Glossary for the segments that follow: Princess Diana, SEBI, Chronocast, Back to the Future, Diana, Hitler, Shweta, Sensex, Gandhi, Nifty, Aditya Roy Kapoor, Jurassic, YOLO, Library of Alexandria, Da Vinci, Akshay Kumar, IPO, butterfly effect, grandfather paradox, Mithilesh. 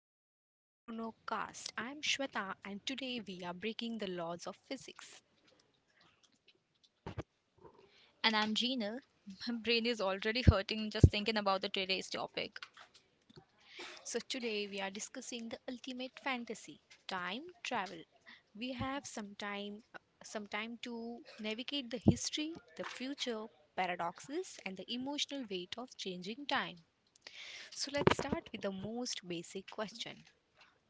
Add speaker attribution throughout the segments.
Speaker 1: back to the Chronocast. I'm Shweta and today we are breaking the laws of physics.
Speaker 2: And I'm Gina. My brain is already hurting just thinking about the today's topic.
Speaker 1: So today we are discussing the ultimate fantasy, time travel. We have some time to navigate the history, the future, paradoxes and the emotional weight of changing time. So let's start with the most basic question.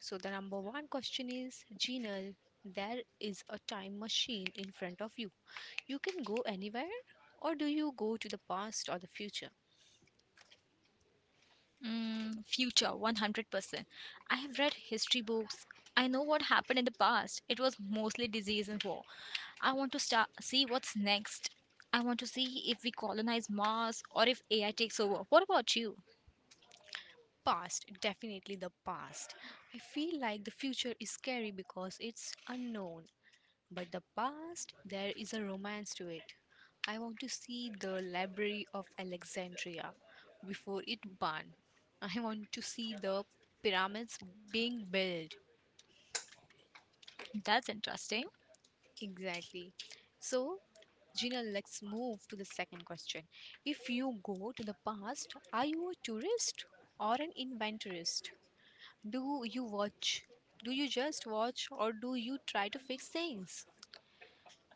Speaker 1: So the number one question is, Genal, there is a time machine in front of you. You can go anywhere, or do you go to the past or the future?
Speaker 2: Future, 100%. I have read history books. I know what happened in the past. It was mostly disease and war. I want to start see what's next. I want to see if we colonize Mars or if AI takes over. What about you?
Speaker 1: Past, definitely the past. I feel like the future is scary because it's unknown, but the past, there is a romance to it. I want to see the Library of Alexandria before it burned. I want to see the pyramids being built.
Speaker 2: That's interesting.
Speaker 1: Exactly. So, Gina, let's move to the second question. If you go to the past, are you a tourist or an inventorist? Do you watch? Do you just watch or do you try to fix things?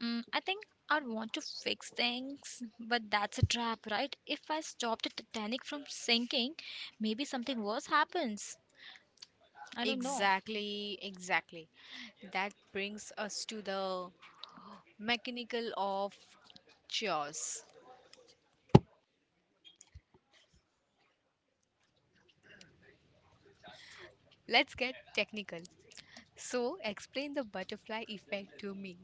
Speaker 2: I think I'd want to fix things, but that's a trap, right? If I stop the Titanic from sinking, maybe something worse happens. I don't know.
Speaker 1: Exactly. That brings us to the mechanical of chores. Let's get technical. So, explain the butterfly effect to me.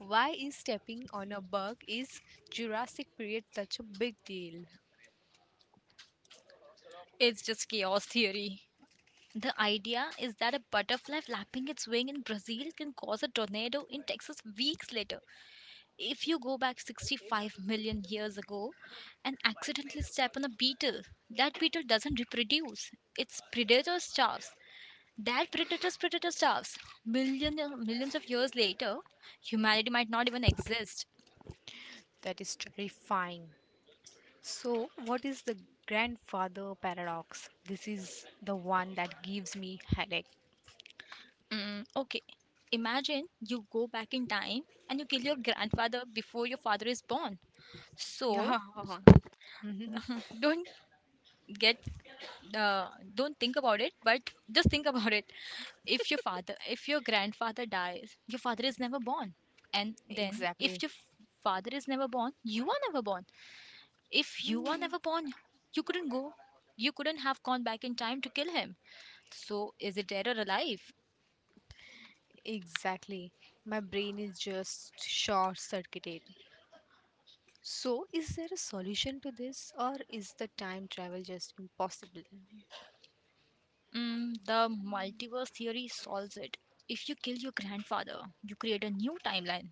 Speaker 1: Why is stepping on a bug is Jurassic period such a big deal?
Speaker 2: It's just chaos theory. The idea is that a butterfly flapping its wing in Brazil can cause a tornado in Texas weeks later. If you go back 65 million years ago and accidentally step on a beetle, that beetle doesn't reproduce. Its predator starves. That predator's predator starves. Million, Millions of years later, humanity might not even exist.
Speaker 1: That is terrifying. So, what is the grandfather paradox? This is the one that gives me headache.
Speaker 2: Okay. Imagine you go back in time and you kill your grandfather before your father is born. So,
Speaker 1: Yeah,
Speaker 2: don't get don't think about it, but just think about it. If your grandfather dies, your father is never born. And then, if
Speaker 1: exactly.
Speaker 2: your f- father is never born, you are never born. If you are never born, you couldn't go. You couldn't have gone back in time to kill him. So, is it dead or alive?
Speaker 1: Exactly. My brain is just short circuited. So, is there a solution to this, or is the time travel just impossible?
Speaker 2: The multiverse theory solves it. If you kill your grandfather, you create a new timeline.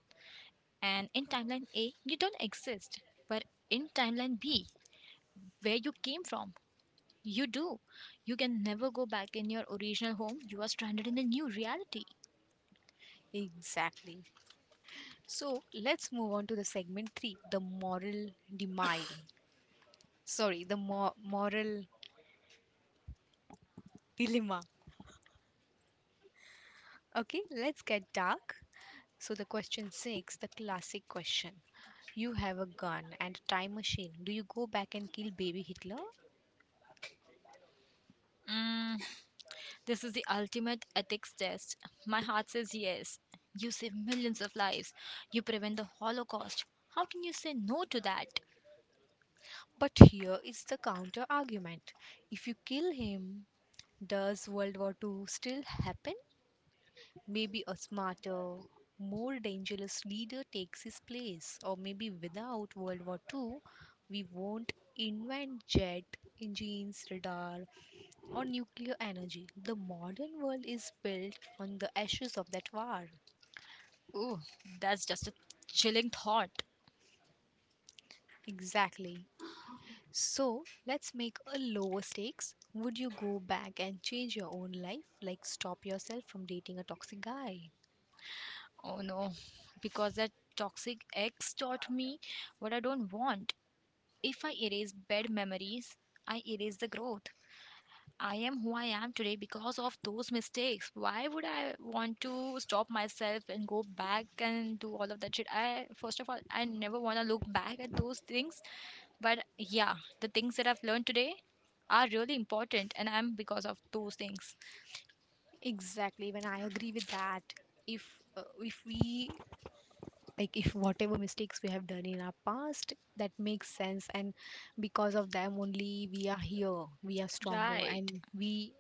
Speaker 2: And in timeline A, you don't exist. But in timeline B, where you came from, you do. You can never go back in your original home. You are stranded in a new reality.
Speaker 1: Exactly. So let's move on to the segment three, the moral denial. Sorry, the moral dilemma. Okay, let's get dark. So the question six, the classic question. You have a gun and a time machine. Do you go back and kill baby Hitler?
Speaker 2: Mm, this is the ultimate ethics test. My heart says yes. You save millions of lives. You prevent the Holocaust. How can you say no to that?
Speaker 1: But here is the counter argument. If you kill him, does World War Two still happen? Maybe a smarter, more dangerous leader takes his place, or maybe without World War II, we won't invent jet engines, radar, or nuclear energy. The modern world is built on the ashes of that war.
Speaker 2: Ooh, that's just a chilling thought.
Speaker 1: Exactly. So let's make a lower stakes. Would you go back and change your own life? Like stop yourself from dating a toxic guy?
Speaker 2: Oh no, because that toxic ex taught me what I don't want. If I erase bad memories, I erase the growth. I am who I am today because of those mistakes. Why would I want to stop myself and go back and do all of that shit? First of all, I never want to look back at those things. But yeah, the things that I've learned today are really important, and I'm because of those things.
Speaker 1: Exactly. When I agree with that, if if we, like, if whatever mistakes we have done in our past, that makes sense, and because of them only we are here, we are stronger,
Speaker 2: Right.
Speaker 1: and we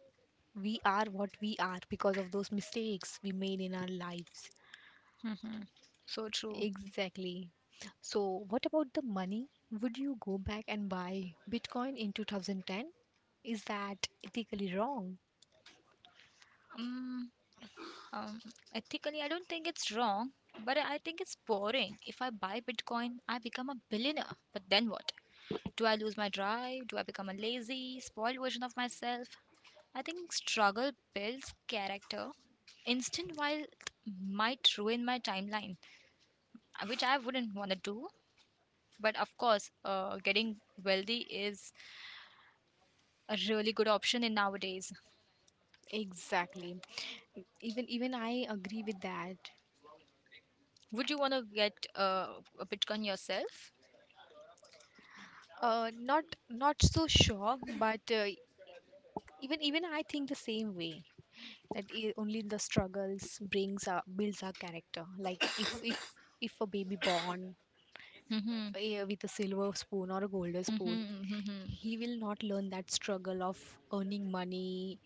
Speaker 1: we are what we are because of those mistakes we made in our lives.
Speaker 2: Hmm. So true.
Speaker 1: Exactly. So what about the money? Would you go back and buy bitcoin in 2010? Is that ethically wrong?
Speaker 2: Mm. Um, Ethically, I don't think it's wrong, but I think it's boring. If I buy Bitcoin, I become a billionaire. But then what? Do I lose my drive? Do I become a lazy, spoiled version of myself? I think struggle builds character. Instant wealth might ruin my timeline, which I wouldn't want to do. But of course, getting wealthy is a really good option in nowadays.
Speaker 1: Exactly. Even I agree with that.
Speaker 2: Would you want to get a Bitcoin yourself?
Speaker 1: Not so sure, but even I think the same way, that only the struggles brings our, builds our character. Like if a baby born
Speaker 2: Hmm.
Speaker 1: with a silver spoon or a golden spoon,
Speaker 2: Hmm. Hmm.
Speaker 1: he will not learn that struggle of earning money,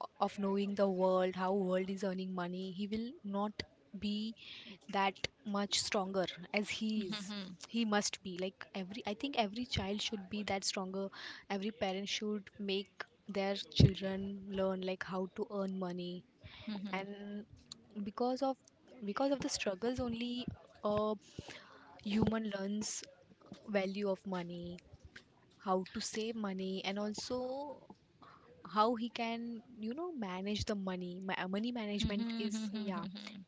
Speaker 1: of knowing the world, how world is earning money. He will not be that much stronger as he is.
Speaker 2: Hmm.
Speaker 1: He must be like every, I think every child should be that stronger. Every parent should make their children learn like how to earn money.
Speaker 2: Mhm.
Speaker 1: And because of because of the struggles only, a human learns value of money, how to save money, and also how he can, you know, manage the money. Money management is, yeah,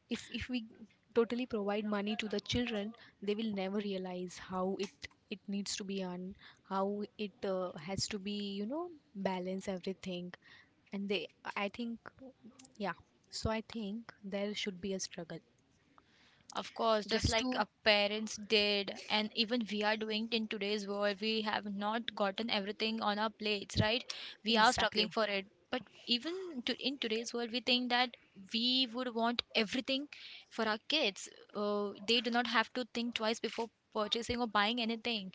Speaker 1: if we totally provide money to the children, they will never realize how it, it needs to be on, how it has to be, you know, balance everything. And they, I think, yeah, so I think there should be a struggle,
Speaker 2: Of course, just
Speaker 1: just
Speaker 2: like
Speaker 1: to.
Speaker 2: our parents did, and even we are doing it in today's world, we have not gotten everything on our plates, right? We are struggling
Speaker 1: Exactly.
Speaker 2: for it. But even to, in today's world, we think that we would want everything for our kids. They do not have to think twice before purchasing or buying anything.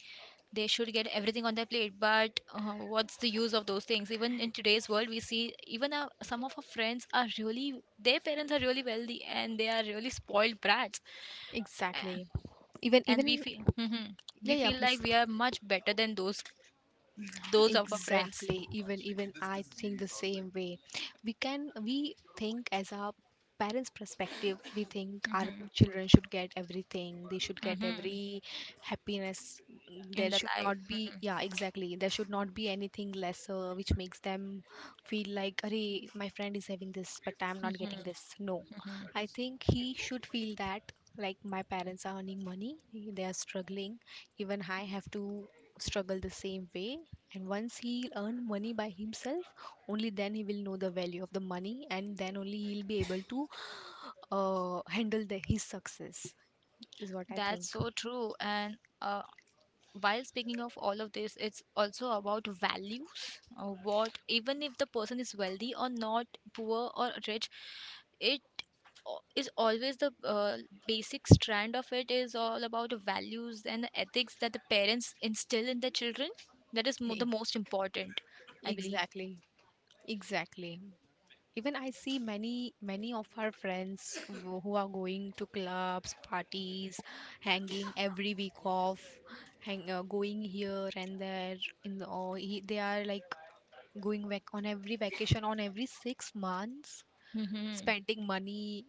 Speaker 2: They should get everything on their plate, but what's the use of those things? Even in today's world, we see even our, some of our friends are really their parents are really wealthy and they are really spoiled brats. A-
Speaker 1: Exactly. Even
Speaker 2: and we
Speaker 1: even.
Speaker 2: feel, mhm,
Speaker 1: Yeah,
Speaker 2: we
Speaker 1: yeah,
Speaker 2: feel like
Speaker 1: please.
Speaker 2: we are much better than those of our friends.
Speaker 1: Exactly. Even I think the same way. We can, we think as our parents perspective, we think our
Speaker 2: Hmm.
Speaker 1: children should get everything, they should get
Speaker 2: Hmm.
Speaker 1: every happiness.
Speaker 2: In
Speaker 1: There
Speaker 2: the
Speaker 1: should not be,
Speaker 2: life.
Speaker 1: yeah, exactly, there should not be anything lesser which makes them feel like, hey, my friend is having this but I'm not getting this. No, I think he should feel that, like, my parents are earning money, they are struggling, even I have to struggle the same way. And once he earn money by himself, only then he will know the value of the money, and then only he'll be able to handle the, his success. Is what I
Speaker 2: That's
Speaker 1: think.
Speaker 2: so true, and while speaking of all of this, it's also about values. Even if the person is wealthy or not, poor or rich, it is always the basic strand of it is all about values and the ethics that the parents instill in their children. That is the
Speaker 1: E-.
Speaker 2: most important, I believe.
Speaker 1: Exactly, exactly. Even I see many of our friends who are going to clubs, parties, hanging every week off, hang going here and there. In the, or he, they are like going on every vacation on every 6 months,
Speaker 2: Mm-hmm.
Speaker 1: spending money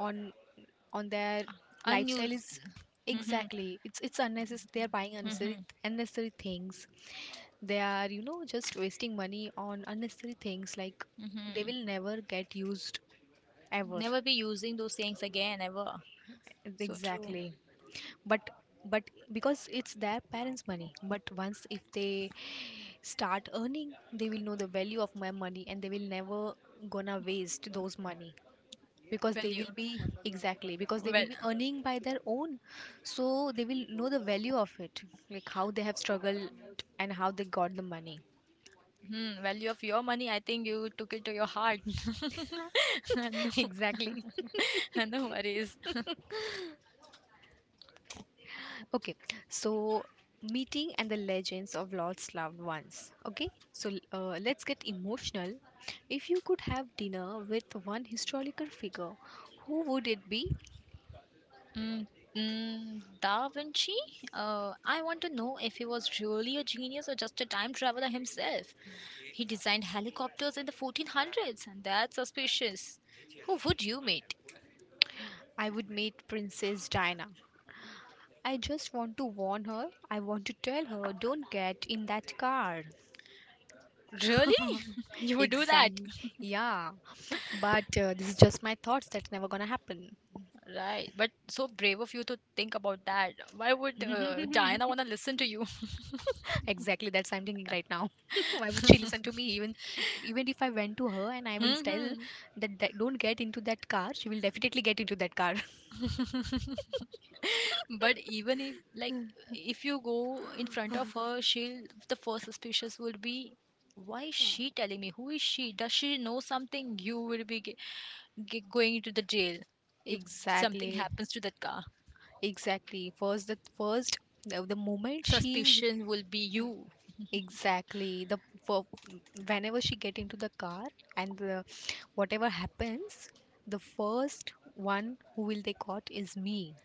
Speaker 1: on their lifestyle
Speaker 2: Unused.
Speaker 1: is,
Speaker 2: Mm-hmm.
Speaker 1: exactly, it's unnecessary, they're buying
Speaker 2: Mm-hmm.
Speaker 1: unnecessary things. They are, you know, just wasting money on unnecessary things, like they
Speaker 2: Mm-hmm.
Speaker 1: will never get used, ever.
Speaker 2: Never be using those things again, ever. So true.
Speaker 1: Exactly. but but, because it's their parents money, but once if they start earning, they will know the value of my money, and they will never gonna waste those money, because they
Speaker 2: Value.
Speaker 1: will be, exactly, because they will
Speaker 2: Well,
Speaker 1: be earning by their own. So they will know the value of it, like how they have struggled and how they got the money.
Speaker 2: hmm, value of your money, I think you took it to your heart.
Speaker 1: Exactly.
Speaker 2: No, no worries.
Speaker 1: Okay, so meeting and the legends of lost loved ones. Okay, so let's get emotional. If you could have dinner with one historical figure, who would it be?
Speaker 2: Mm, Da Vinci? I want to know if he was really a genius or just a time traveler himself. He designed helicopters in the 1400s, and that's suspicious. Who would you meet?
Speaker 1: I would meet Princess Diana. I just want to warn her. I want to tell her, don't get in that car.
Speaker 2: Really? You would do that?
Speaker 1: Exactly. Yeah. But this is just my thoughts. That's never gonna happen.
Speaker 2: Right, but so brave of you to think about that. Why would Diana want to listen to you?
Speaker 1: Exactly. That's I'm thinking right now. Why would she listen to me? Even if I went to her and I will tell
Speaker 2: Hmm.
Speaker 1: that, that don't get into that car, she will definitely get into that car.
Speaker 2: But even if like if you go in front of her, she'll the first suspicious would be why is she telling me? Who is she? Does she know something? You will be g g going to the jail if something
Speaker 1: Exactly.
Speaker 2: happens to that car.
Speaker 1: Exactly. First the moment she.
Speaker 2: Suspicion will be you.
Speaker 1: Exactly. The, for, whenever she get into the car, and the, whatever happens, the first one who will they caught is me,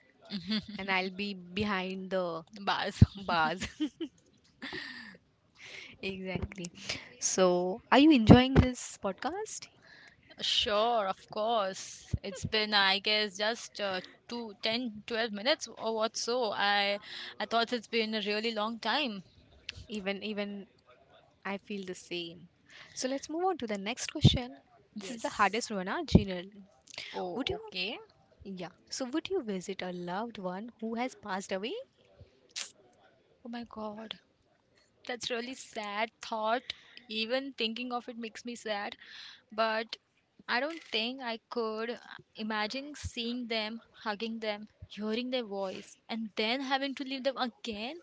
Speaker 1: and I'll be behind the
Speaker 2: Baz.
Speaker 1: bars. Exactly. So, are you enjoying this podcast?
Speaker 2: Sure, of course. It's been, I guess, just two, ten, 12 minutes or what so. I thought it's been a really long time.
Speaker 1: Even I feel the same. So let's move on to the next question. This is the
Speaker 2: Yes.
Speaker 1: hardest one, ah, Jinal.
Speaker 2: Oh,
Speaker 1: Would you?
Speaker 2: okay.
Speaker 1: Yeah. So would you visit a loved one who has passed away?
Speaker 2: Oh my God. That's really sad thought. Even thinking of it makes me sad. But I don't think I could imagine seeing them, hugging them, hearing their voice, and then having to leave them again.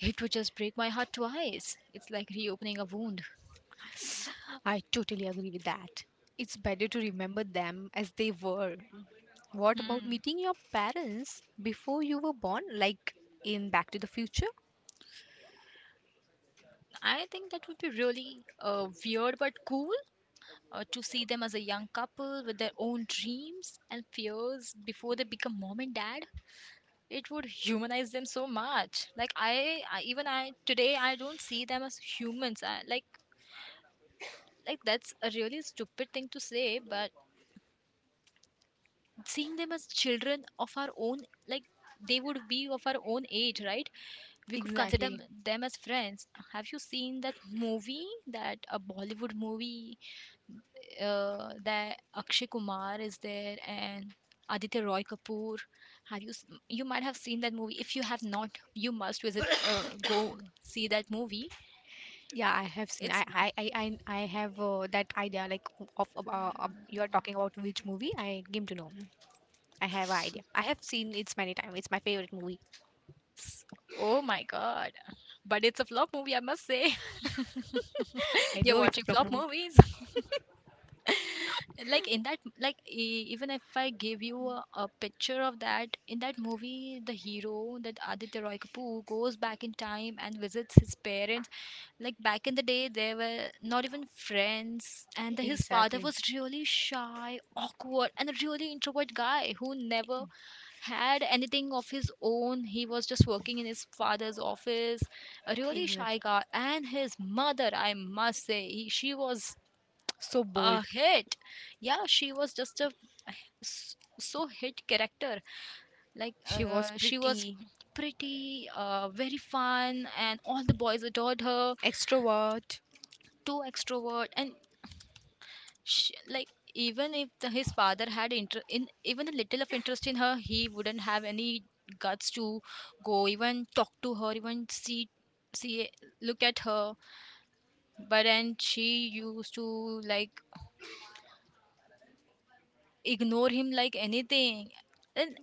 Speaker 2: It would just break my heart twice. It's like reopening a wound.
Speaker 1: I totally agree with that. It's better to remember them as they were. What about
Speaker 2: Hmm.
Speaker 1: meeting your parents before you were born, like in Back to the Future?
Speaker 2: I think that would be really weird but cool to see them as a young couple with their own dreams and fears before they become mom and dad. It would humanize them so much, I even I today I don't see them as humans. Like like, that's a really stupid thing to say, but seeing them as children of our own, like, they would be of our own age, right? We could consider
Speaker 1: Exactly.
Speaker 2: them as friends. Have you seen that movie, that a Bollywood movie, that Akshay Kumar is there and Aditya Roy Kapoor. You might have seen that movie? If you have not, you must visit go see that movie.
Speaker 1: Yeah, I have seen. I
Speaker 2: It's
Speaker 1: I I I, I have that idea. Like you are talking about which movie? I came to know. I have an idea. I have seen it's many times. It's my favorite movie.
Speaker 2: s- oh my god, but it's a flop movie. I must say
Speaker 1: I
Speaker 2: you're
Speaker 1: know it's a
Speaker 2: watching
Speaker 1: flop
Speaker 2: flop
Speaker 1: movie.
Speaker 2: movies. Like in that, even if I give you a picture of that. In that movie, the hero, that Aditya Roy Kapoor, goes back in time and visits his parents. Like back in the day, they were not even friends, and his father
Speaker 1: Exactly.
Speaker 2: was really shy, awkward, and a really introvert guy who never had anything of his own. He was just working in his father's office, a really shy
Speaker 1: Exactly.
Speaker 2: guy. And his mother, I must say, she was
Speaker 1: So
Speaker 2: a
Speaker 1: bold.
Speaker 2: hit. Yeah, she was just a so hit character. Like
Speaker 1: She was
Speaker 2: she was
Speaker 1: pretty,
Speaker 2: pretty, very fun, and all the boys adored her.
Speaker 1: extrovert.
Speaker 2: Too extrovert, and Sh like even if his father had inter in even a little of interest in her, he wouldn't have any guts to go even talk to her, even see see look at her. But then she used to like ignore him like anything. And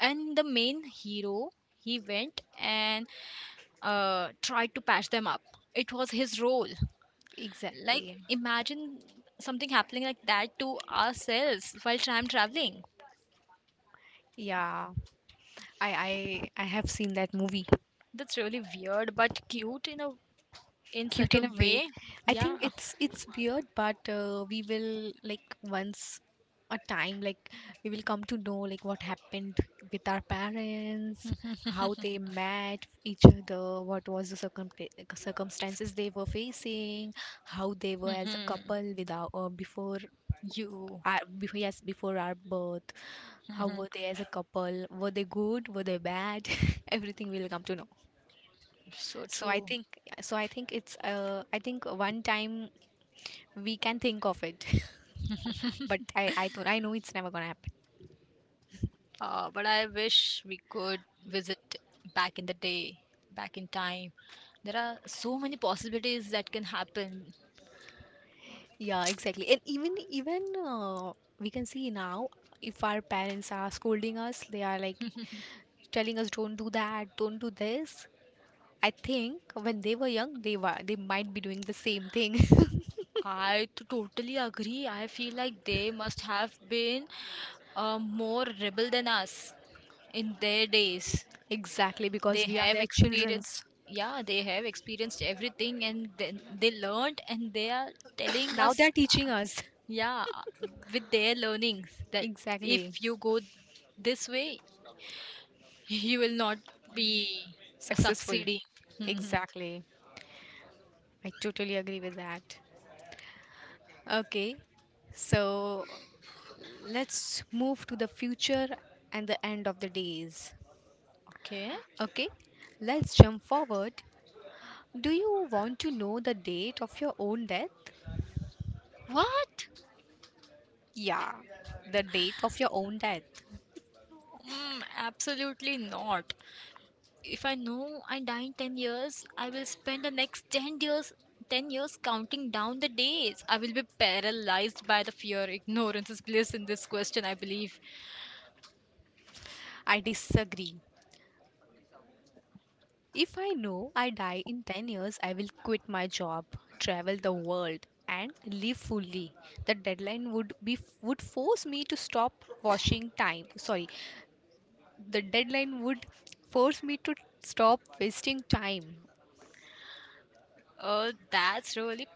Speaker 2: the main hero, he went and tried to patch them up. It was his role. Like
Speaker 1: Exactly.
Speaker 2: imagine something happening like that to ourselves while time traveling.
Speaker 1: Yeah, I I I have seen that movie.
Speaker 2: That's really weird, but cute in a in
Speaker 1: Cute in a
Speaker 2: certain
Speaker 1: way.
Speaker 2: way.
Speaker 1: I think
Speaker 2: Yeah,
Speaker 1: it's weird, but we will, like, once a time, like, we will come to know, like, what happened with our parents, how they met each other, what was the circum, like, circumstances they were facing, how they were as a couple without before
Speaker 2: you
Speaker 1: our, before, yes, before our birth. How were they as a couple? Were they good? Were they bad? Everything we will come to know.
Speaker 2: so
Speaker 1: So I
Speaker 2: true.
Speaker 1: think so I think it's, uh, I think one time we can think of it. But I thought, I know it's never gonna happen.
Speaker 2: But I wish we could visit back in the day, back in time. There are so many possibilities that can happen.
Speaker 1: Yeah, exactly. And even we can see now, if our parents are scolding us, they are like telling us don't do that, don't do this. I think when they were young, they were, they might be doing the same thing.
Speaker 2: I to Totally agree. I feel like they must have been more rebel than us in their days.
Speaker 1: Exactly,
Speaker 2: They
Speaker 1: because we are
Speaker 2: have
Speaker 1: their
Speaker 2: experienced,
Speaker 1: childrens.
Speaker 2: yeah, they have experienced everything and then they learned and they are telling
Speaker 1: Now
Speaker 2: us.
Speaker 1: they're teaching us.
Speaker 2: Yeah, with their learnings that
Speaker 1: Exactly.
Speaker 2: if you go this way, you will not be
Speaker 1: Successful.
Speaker 2: succeeding. Mhm.
Speaker 1: Exactly. I totally agree with that. Okay, so let's move to the future and the end of the days.
Speaker 2: Okay.
Speaker 1: Okay, let's jump forward. Do you want to know the date of your own death?
Speaker 2: What?
Speaker 1: Yeah, the date of your own death.
Speaker 2: Absolutely not. If I know I die in 10 years, I will spend the next 10 years counting down the days. I will be paralyzed by the fear. Ignorance is bliss in this question, I believe.
Speaker 1: I disagree. If I know I die in 10 years, I will quit my job, travel the world, and live fully. The deadline would be would force me to stop washing time. Sorry, the deadline would force me to stop wasting time.
Speaker 2: That's really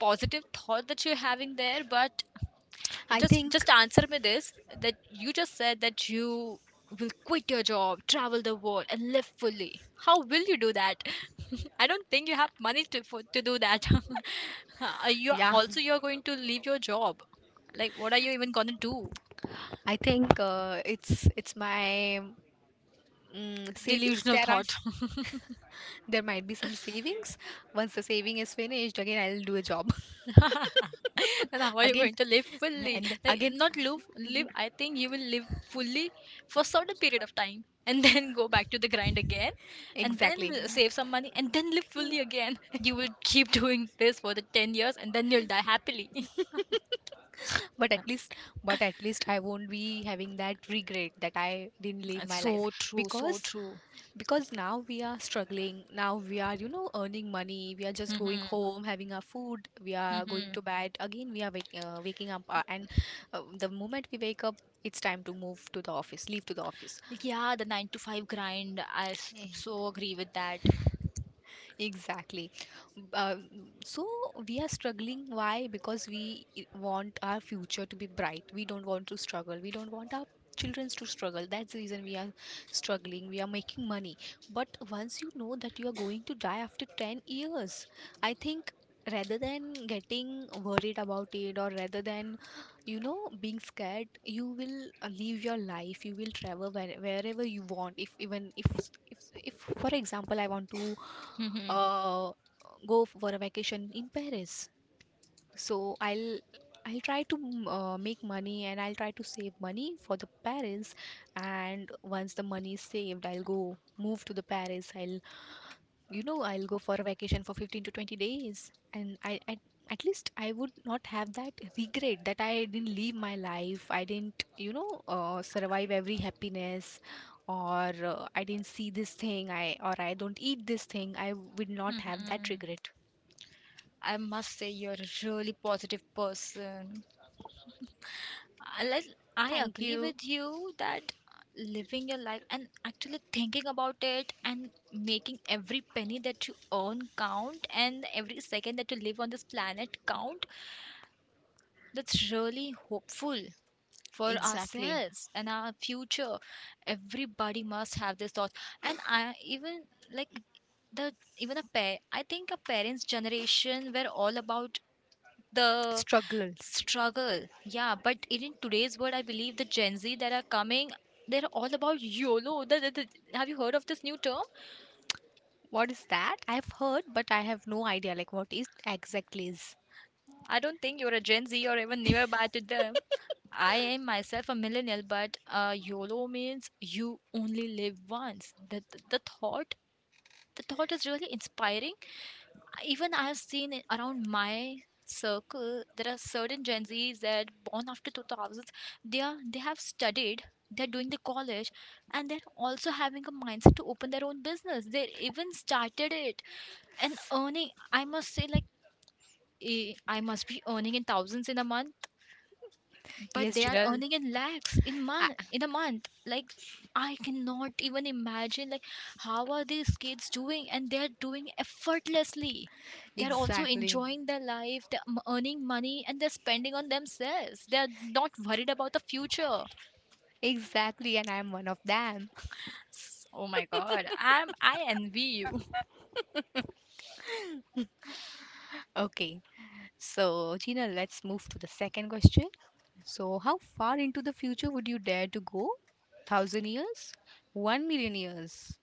Speaker 2: positive thought that you're having there, but
Speaker 1: I
Speaker 2: just
Speaker 1: think,
Speaker 2: just answer me this, that you just said that you will quit your job, travel the world and live fully. How will you do that? I don't think you have money to do that. You
Speaker 1: yeah,
Speaker 2: also you're going to leave your job, like what are you even going to do?
Speaker 1: I think it's my savings,
Speaker 2: Delusional
Speaker 1: there are,
Speaker 2: thought.
Speaker 1: there might be some savings. Once the saving is finished, again I'll do a job.
Speaker 2: And how are you
Speaker 1: Again
Speaker 2: going to live fully?
Speaker 1: and then
Speaker 2: Like
Speaker 1: again.
Speaker 2: not live, live. I think you will live fully for certain period of time, and then go back to the grind again, and then
Speaker 1: Exactly.
Speaker 2: save some money, and then live fully again. You will keep doing this for the 10 years, and then you'll die happily.
Speaker 1: But at least but at least I won't be having that regret that I didn't live
Speaker 2: That's
Speaker 1: my life.
Speaker 2: so true, so
Speaker 1: because
Speaker 2: true.
Speaker 1: because, now we are struggling, now we are, you know, earning money, we are just going
Speaker 2: Hmm.
Speaker 1: home, having our food, we are going
Speaker 2: Hmm.
Speaker 1: to bed again, we are waking up, and the moment we wake up, it's time to move to the office, leave to the office.
Speaker 2: Like, yeah, the nine to five grind. So agree with that.
Speaker 1: Exactly. Uh, so we are struggling. Why? Because we want our future to be bright. We don't want to struggle. We don't want our children to struggle. That's the reason we are struggling. We are making money. But once you know that you are going to die after 10 years, I think rather than getting worried about it, or rather than being scared, you will live your life. You will travel wherever you want, if even if for example, I want to
Speaker 2: Hmm.
Speaker 1: uh, go for a vacation in Paris. So I'll try to make money, and I'll try to save money for the Paris. And once the money is saved, I'll go move to the Paris. I'll you know I'll go for a vacation for 15 to 20 days, and I, at least, I would not have that regret that I didn't live my life. I didn't survive every happiness, or I didn't see this thing. I Or I don't eat this thing. I would not have that
Speaker 2: Hmm.
Speaker 1: regret.
Speaker 2: I must say you're a really positive person. I like I
Speaker 1: Thank
Speaker 2: agree
Speaker 1: you.
Speaker 2: with you that living your life and actually thinking about it and making every penny that you earn count and every second that you live on this planet count, that's really hopeful for
Speaker 1: Exactly.
Speaker 2: ourselves and our future. Everybody must have this thought. And I even like the even a pair I think a parents' generation were all about the
Speaker 1: Struggles.
Speaker 2: Struggle, yeah, but in today's world, I believe the Gen Z that are coming, they're all about YOLO. Have you heard of this new term?
Speaker 1: What is that? I've heard, but I have no idea, like, what is exactly is.
Speaker 2: I don't think you're a Gen Z or even nearby to them. I am myself a millennial, but YOLO means you only live once. The thought is really inspiring. Even I've seen it around my circle. There are certain Gen Zs that born after 2000s. They have studied, they're doing the college, and they're also having a mindset to open their own business. They even started it and earning. I must say, like I must be earning in thousands in a month, but
Speaker 1: Yes,
Speaker 2: they are
Speaker 1: Jinal.
Speaker 2: earning in lakhs
Speaker 1: I-
Speaker 2: in a month. Like, I cannot even imagine, like how are these kids doing, and they're doing effortlessly. They're also
Speaker 1: exactly,
Speaker 2: enjoying their life. They're earning money and they're spending on themselves. They're not worried about the future.
Speaker 1: exactly, and I'm one of them.
Speaker 2: Oh my god, I envy you.
Speaker 1: Okay, so Gina, let's move to the second question. So, how far into the future would you dare to go? Thousand years, 1 million years?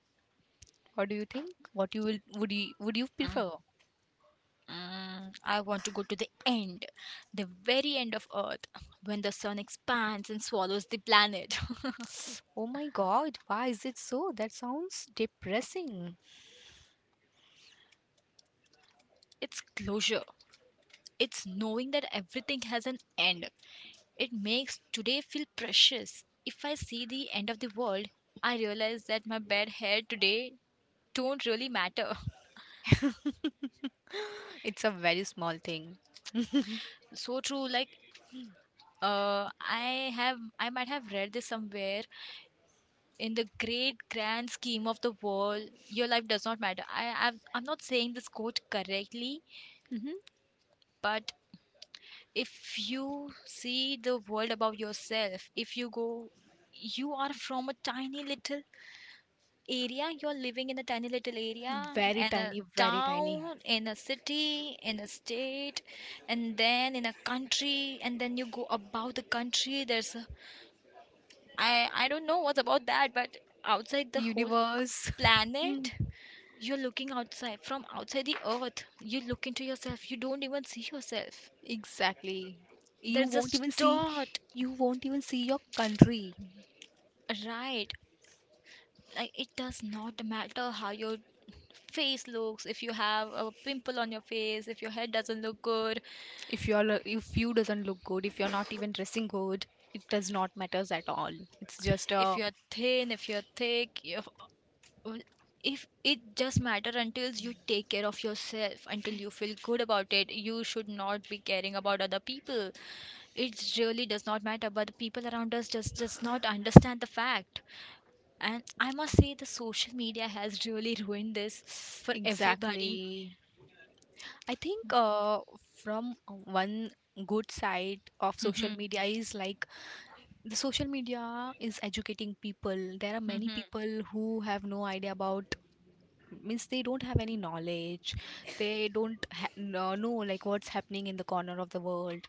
Speaker 1: What do you think? What you will would you
Speaker 2: Mm,
Speaker 1: prefer?
Speaker 2: mm. I want to go to the end, the very end of Earth, when the sun expands and swallows the planet.
Speaker 1: Oh my God, why is it so? That sounds depressing.
Speaker 2: It's closure. It's knowing that everything has an end. It makes today feel precious. If I see the end of the world, I realize that my bad hair today don't really matter.
Speaker 1: It's a very small thing.
Speaker 2: So true. Like I might have read this somewhere, in the great grand scheme of the world, your life does not matter. I'm not saying this quote correctly,
Speaker 1: Hmm.
Speaker 2: but if you see the world above yourself, if you go, you are from a tiny little area, you're living in a tiny little area,
Speaker 1: Very
Speaker 2: and a
Speaker 1: tiny, very tiny.
Speaker 2: town in a city in a state, and then in a country, and then you go about the country. There's a, I don't know what's about that, but outside the whole
Speaker 1: Universe. Mm.
Speaker 2: planet, you're looking outside. From outside the earth, you look into yourself, you don't even see yourself.
Speaker 1: Exactly. You
Speaker 2: There's
Speaker 1: won't
Speaker 2: just
Speaker 1: even see.
Speaker 2: dot.
Speaker 1: You won't even see your country.
Speaker 2: Right, like it does not matter how your face looks, if you have a pimple on your face, if your hair doesn't look good,
Speaker 1: If you doesn't look good, if you're not even dressing good, it does not matters at all. It's just
Speaker 2: if
Speaker 1: a...
Speaker 2: you're thin, if you're thick you if it just matter until you take care of yourself, until you feel good about it. You should not be caring about other people. It really does not matter, but the people around us just does not understand the fact. And I must say, the social media has really ruined this for everybody.
Speaker 1: Exactly. I think, from one good side of social media is, like, the social media is educating people. There are many people who have no idea about, means, they don't have any knowledge. They don't know like what's happening in the corner of the world,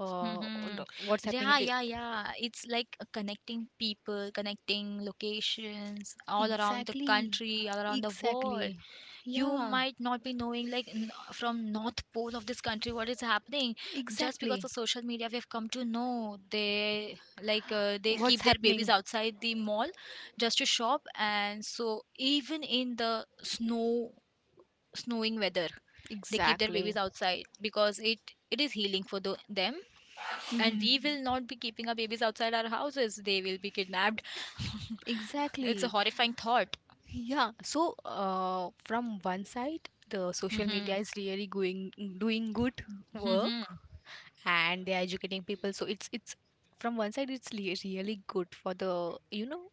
Speaker 2: Mm-hmm.
Speaker 1: what's happening
Speaker 2: Yeah,
Speaker 1: in the...
Speaker 2: yeah, yeah. It's like connecting people, connecting locations all around the
Speaker 1: Exactly.
Speaker 2: country, all around the world.
Speaker 1: Exactly.
Speaker 2: You
Speaker 1: Yeah,
Speaker 2: might not be knowing, like, n from North Pole of this country, what is happening. Just because
Speaker 1: exactly.
Speaker 2: of social media, we have come to know they
Speaker 1: What's
Speaker 2: keep their babies
Speaker 1: happening?
Speaker 2: outside the mall just to shop. And so, even in the snowing weather, they keep their
Speaker 1: Exactly.
Speaker 2: babies outside because it is healing for them, and we
Speaker 1: Mhm.
Speaker 2: will not be keeping our babies outside our houses. They will be kidnapped. It's a
Speaker 1: Exactly.
Speaker 2: horrifying thought.
Speaker 1: Yeah. So, from one side, the social
Speaker 2: Mhm,
Speaker 1: media is really going doing good
Speaker 2: mhm.
Speaker 1: work, and they're educating people. So it's, from one side, it's really good for the you know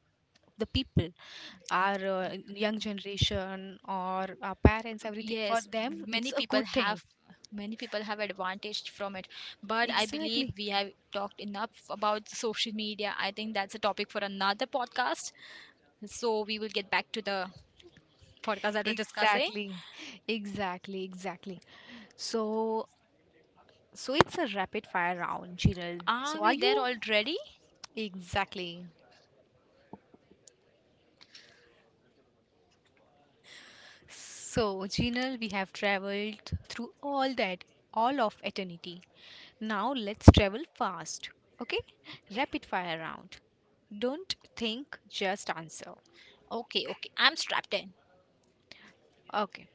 Speaker 1: the people, our young generation or our parents, everything. For
Speaker 2: Yes,
Speaker 1: them, it's
Speaker 2: many
Speaker 1: a
Speaker 2: people
Speaker 1: good thing.
Speaker 2: have many people have advantage from it. But I believe
Speaker 1: Exactly.
Speaker 2: we have talked enough about social media. I think that's a topic for another podcast. So we will get back to the podcast that we're discussing.
Speaker 1: Exactly, exactly, exactly. So, it's a rapid fire round, Jinal. So,
Speaker 2: Are
Speaker 1: are
Speaker 2: we there
Speaker 1: you
Speaker 2: already?
Speaker 1: exactly? So, Jinal, we have traveled through all that, all of eternity. Now, let's travel fast. Okay, rapid fire round. Don't think, just answer.
Speaker 2: Okay, okay. I'm strapped in.
Speaker 1: Okay,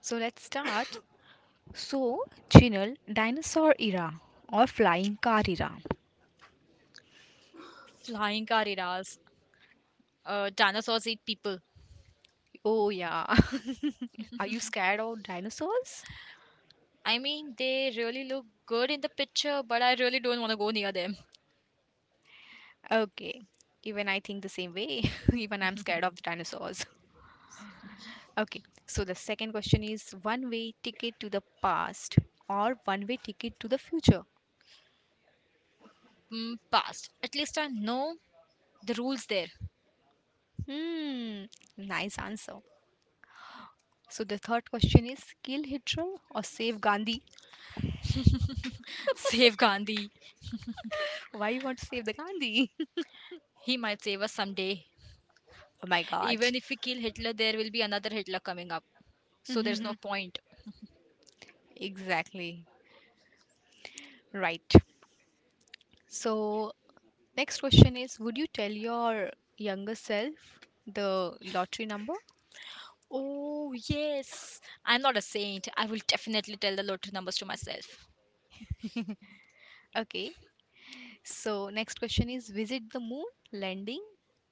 Speaker 1: so let's start. So, Jinal, dinosaur era or flying car era?
Speaker 2: Flying car eras. Dinosaurs eat people.
Speaker 1: Oh, yeah. Are you scared of dinosaurs?
Speaker 2: I mean, they really look good in the picture, but I really don't want to go near them.
Speaker 1: Okay. Even I think the same way. Even I'm scared of the dinosaurs. Okay. So the second question is, one way ticket to the past or one way ticket to the future?
Speaker 2: Past. At least I know the rules there.
Speaker 1: Hmm. Nice answer. So the third question is, kill Hitler or save Gandhi?
Speaker 2: Save Gandhi.
Speaker 1: Why you want to save the Gandhi?
Speaker 2: He might save us someday.
Speaker 1: Oh my God.
Speaker 2: Even if we kill Hitler, there will be another Hitler coming up. So there's no point.
Speaker 1: Exactly. Right. So, next question is, would you tell your younger self the lottery number?
Speaker 2: Oh, yes. I'm not a saint. I will definitely tell the lottery numbers to myself.
Speaker 1: Okay. So, next question is, visit the moon landing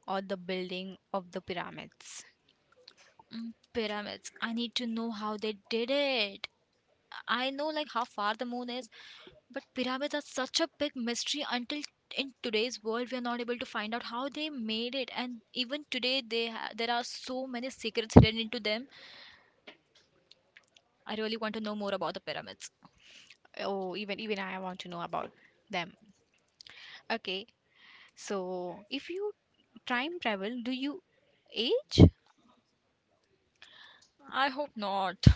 Speaker 1: or the building of the pyramids?
Speaker 2: Pyramids. I need to know how they did it. I know, like, how far the moon is, but pyramids are such a big mystery. Until in today's world we are not able to find out how they made it, and even today there are so many secrets hidden into them. I really want to know more about the pyramids.
Speaker 1: Oh, even I want to know about them. Okay. So, if you time travel, do you age?
Speaker 2: I hope not.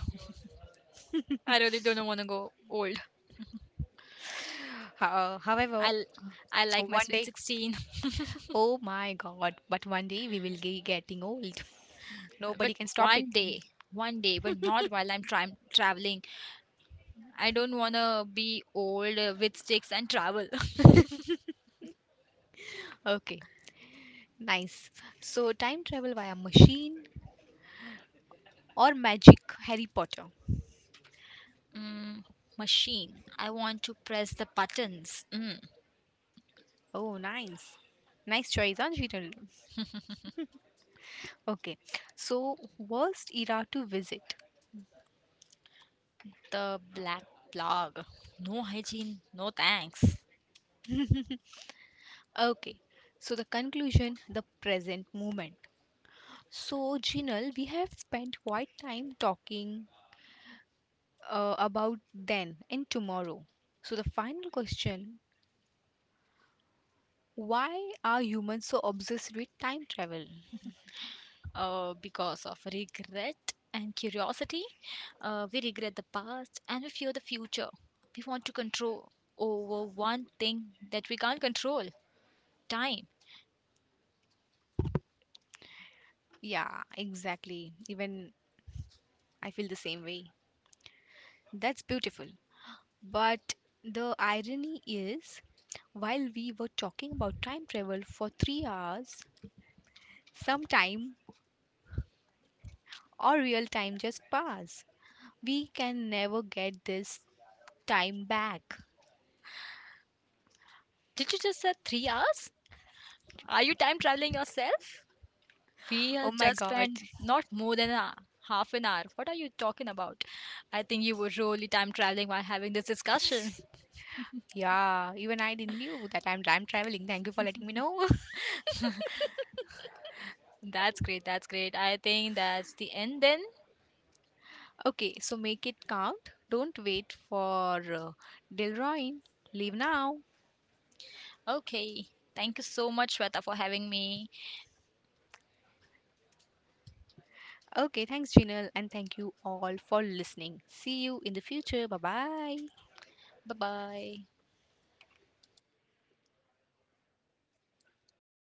Speaker 2: I really don't want to go old.
Speaker 1: However,
Speaker 2: I will I like my
Speaker 1: one
Speaker 2: sweet
Speaker 1: day,
Speaker 2: 16,
Speaker 1: oh my God, but one day we will be getting old.
Speaker 2: but
Speaker 1: Nobody can stop it.
Speaker 2: one day, one day, but not while I'm trying traveling. I don't want to be old with sticks and travel.
Speaker 1: Okay, nice. So, time travel via machine or magic, Harry Potter?
Speaker 2: Mm, Machine. I want to press the buttons.
Speaker 1: Oh, Nice choice, Anjita. Okay, so worst era to visit.
Speaker 2: The black plug. No hygiene, no thanks.
Speaker 1: Okay, so the conclusion, the present moment. So, Jinal, we have spent quite time talking about then and tomorrow. So, the final question. Why are humans so obsessed with time travel?
Speaker 2: Because of regret and curiosity, we regret the past and we fear the future. We want to control over one thing that we can't control, time.
Speaker 1: Yeah, exactly. Even I feel the same way. That's beautiful. But the irony is, while we were talking about time travel for 3 hours, some time or real time just passed. We can never get this time back.
Speaker 2: Did you just say 3 hours? Are you time traveling yourself? We
Speaker 1: Oh
Speaker 2: have
Speaker 1: my
Speaker 2: just
Speaker 1: God.
Speaker 2: spent not more than a half an hour. What are you talking about? I think you were really time traveling while having this discussion.
Speaker 1: Yeah, even I didn't knew that I'm time traveling. Thank you for letting me know.
Speaker 2: That's great. That's great. I think that's the end then.
Speaker 1: Okay, so make it count. Don't wait for Delroy. Leave now.
Speaker 2: Okay. Thank you so much, Shweta, for having me.
Speaker 1: Okay, thanks, Jinal, and thank you all for listening. See you in the future. Bye bye.
Speaker 2: Bye bye.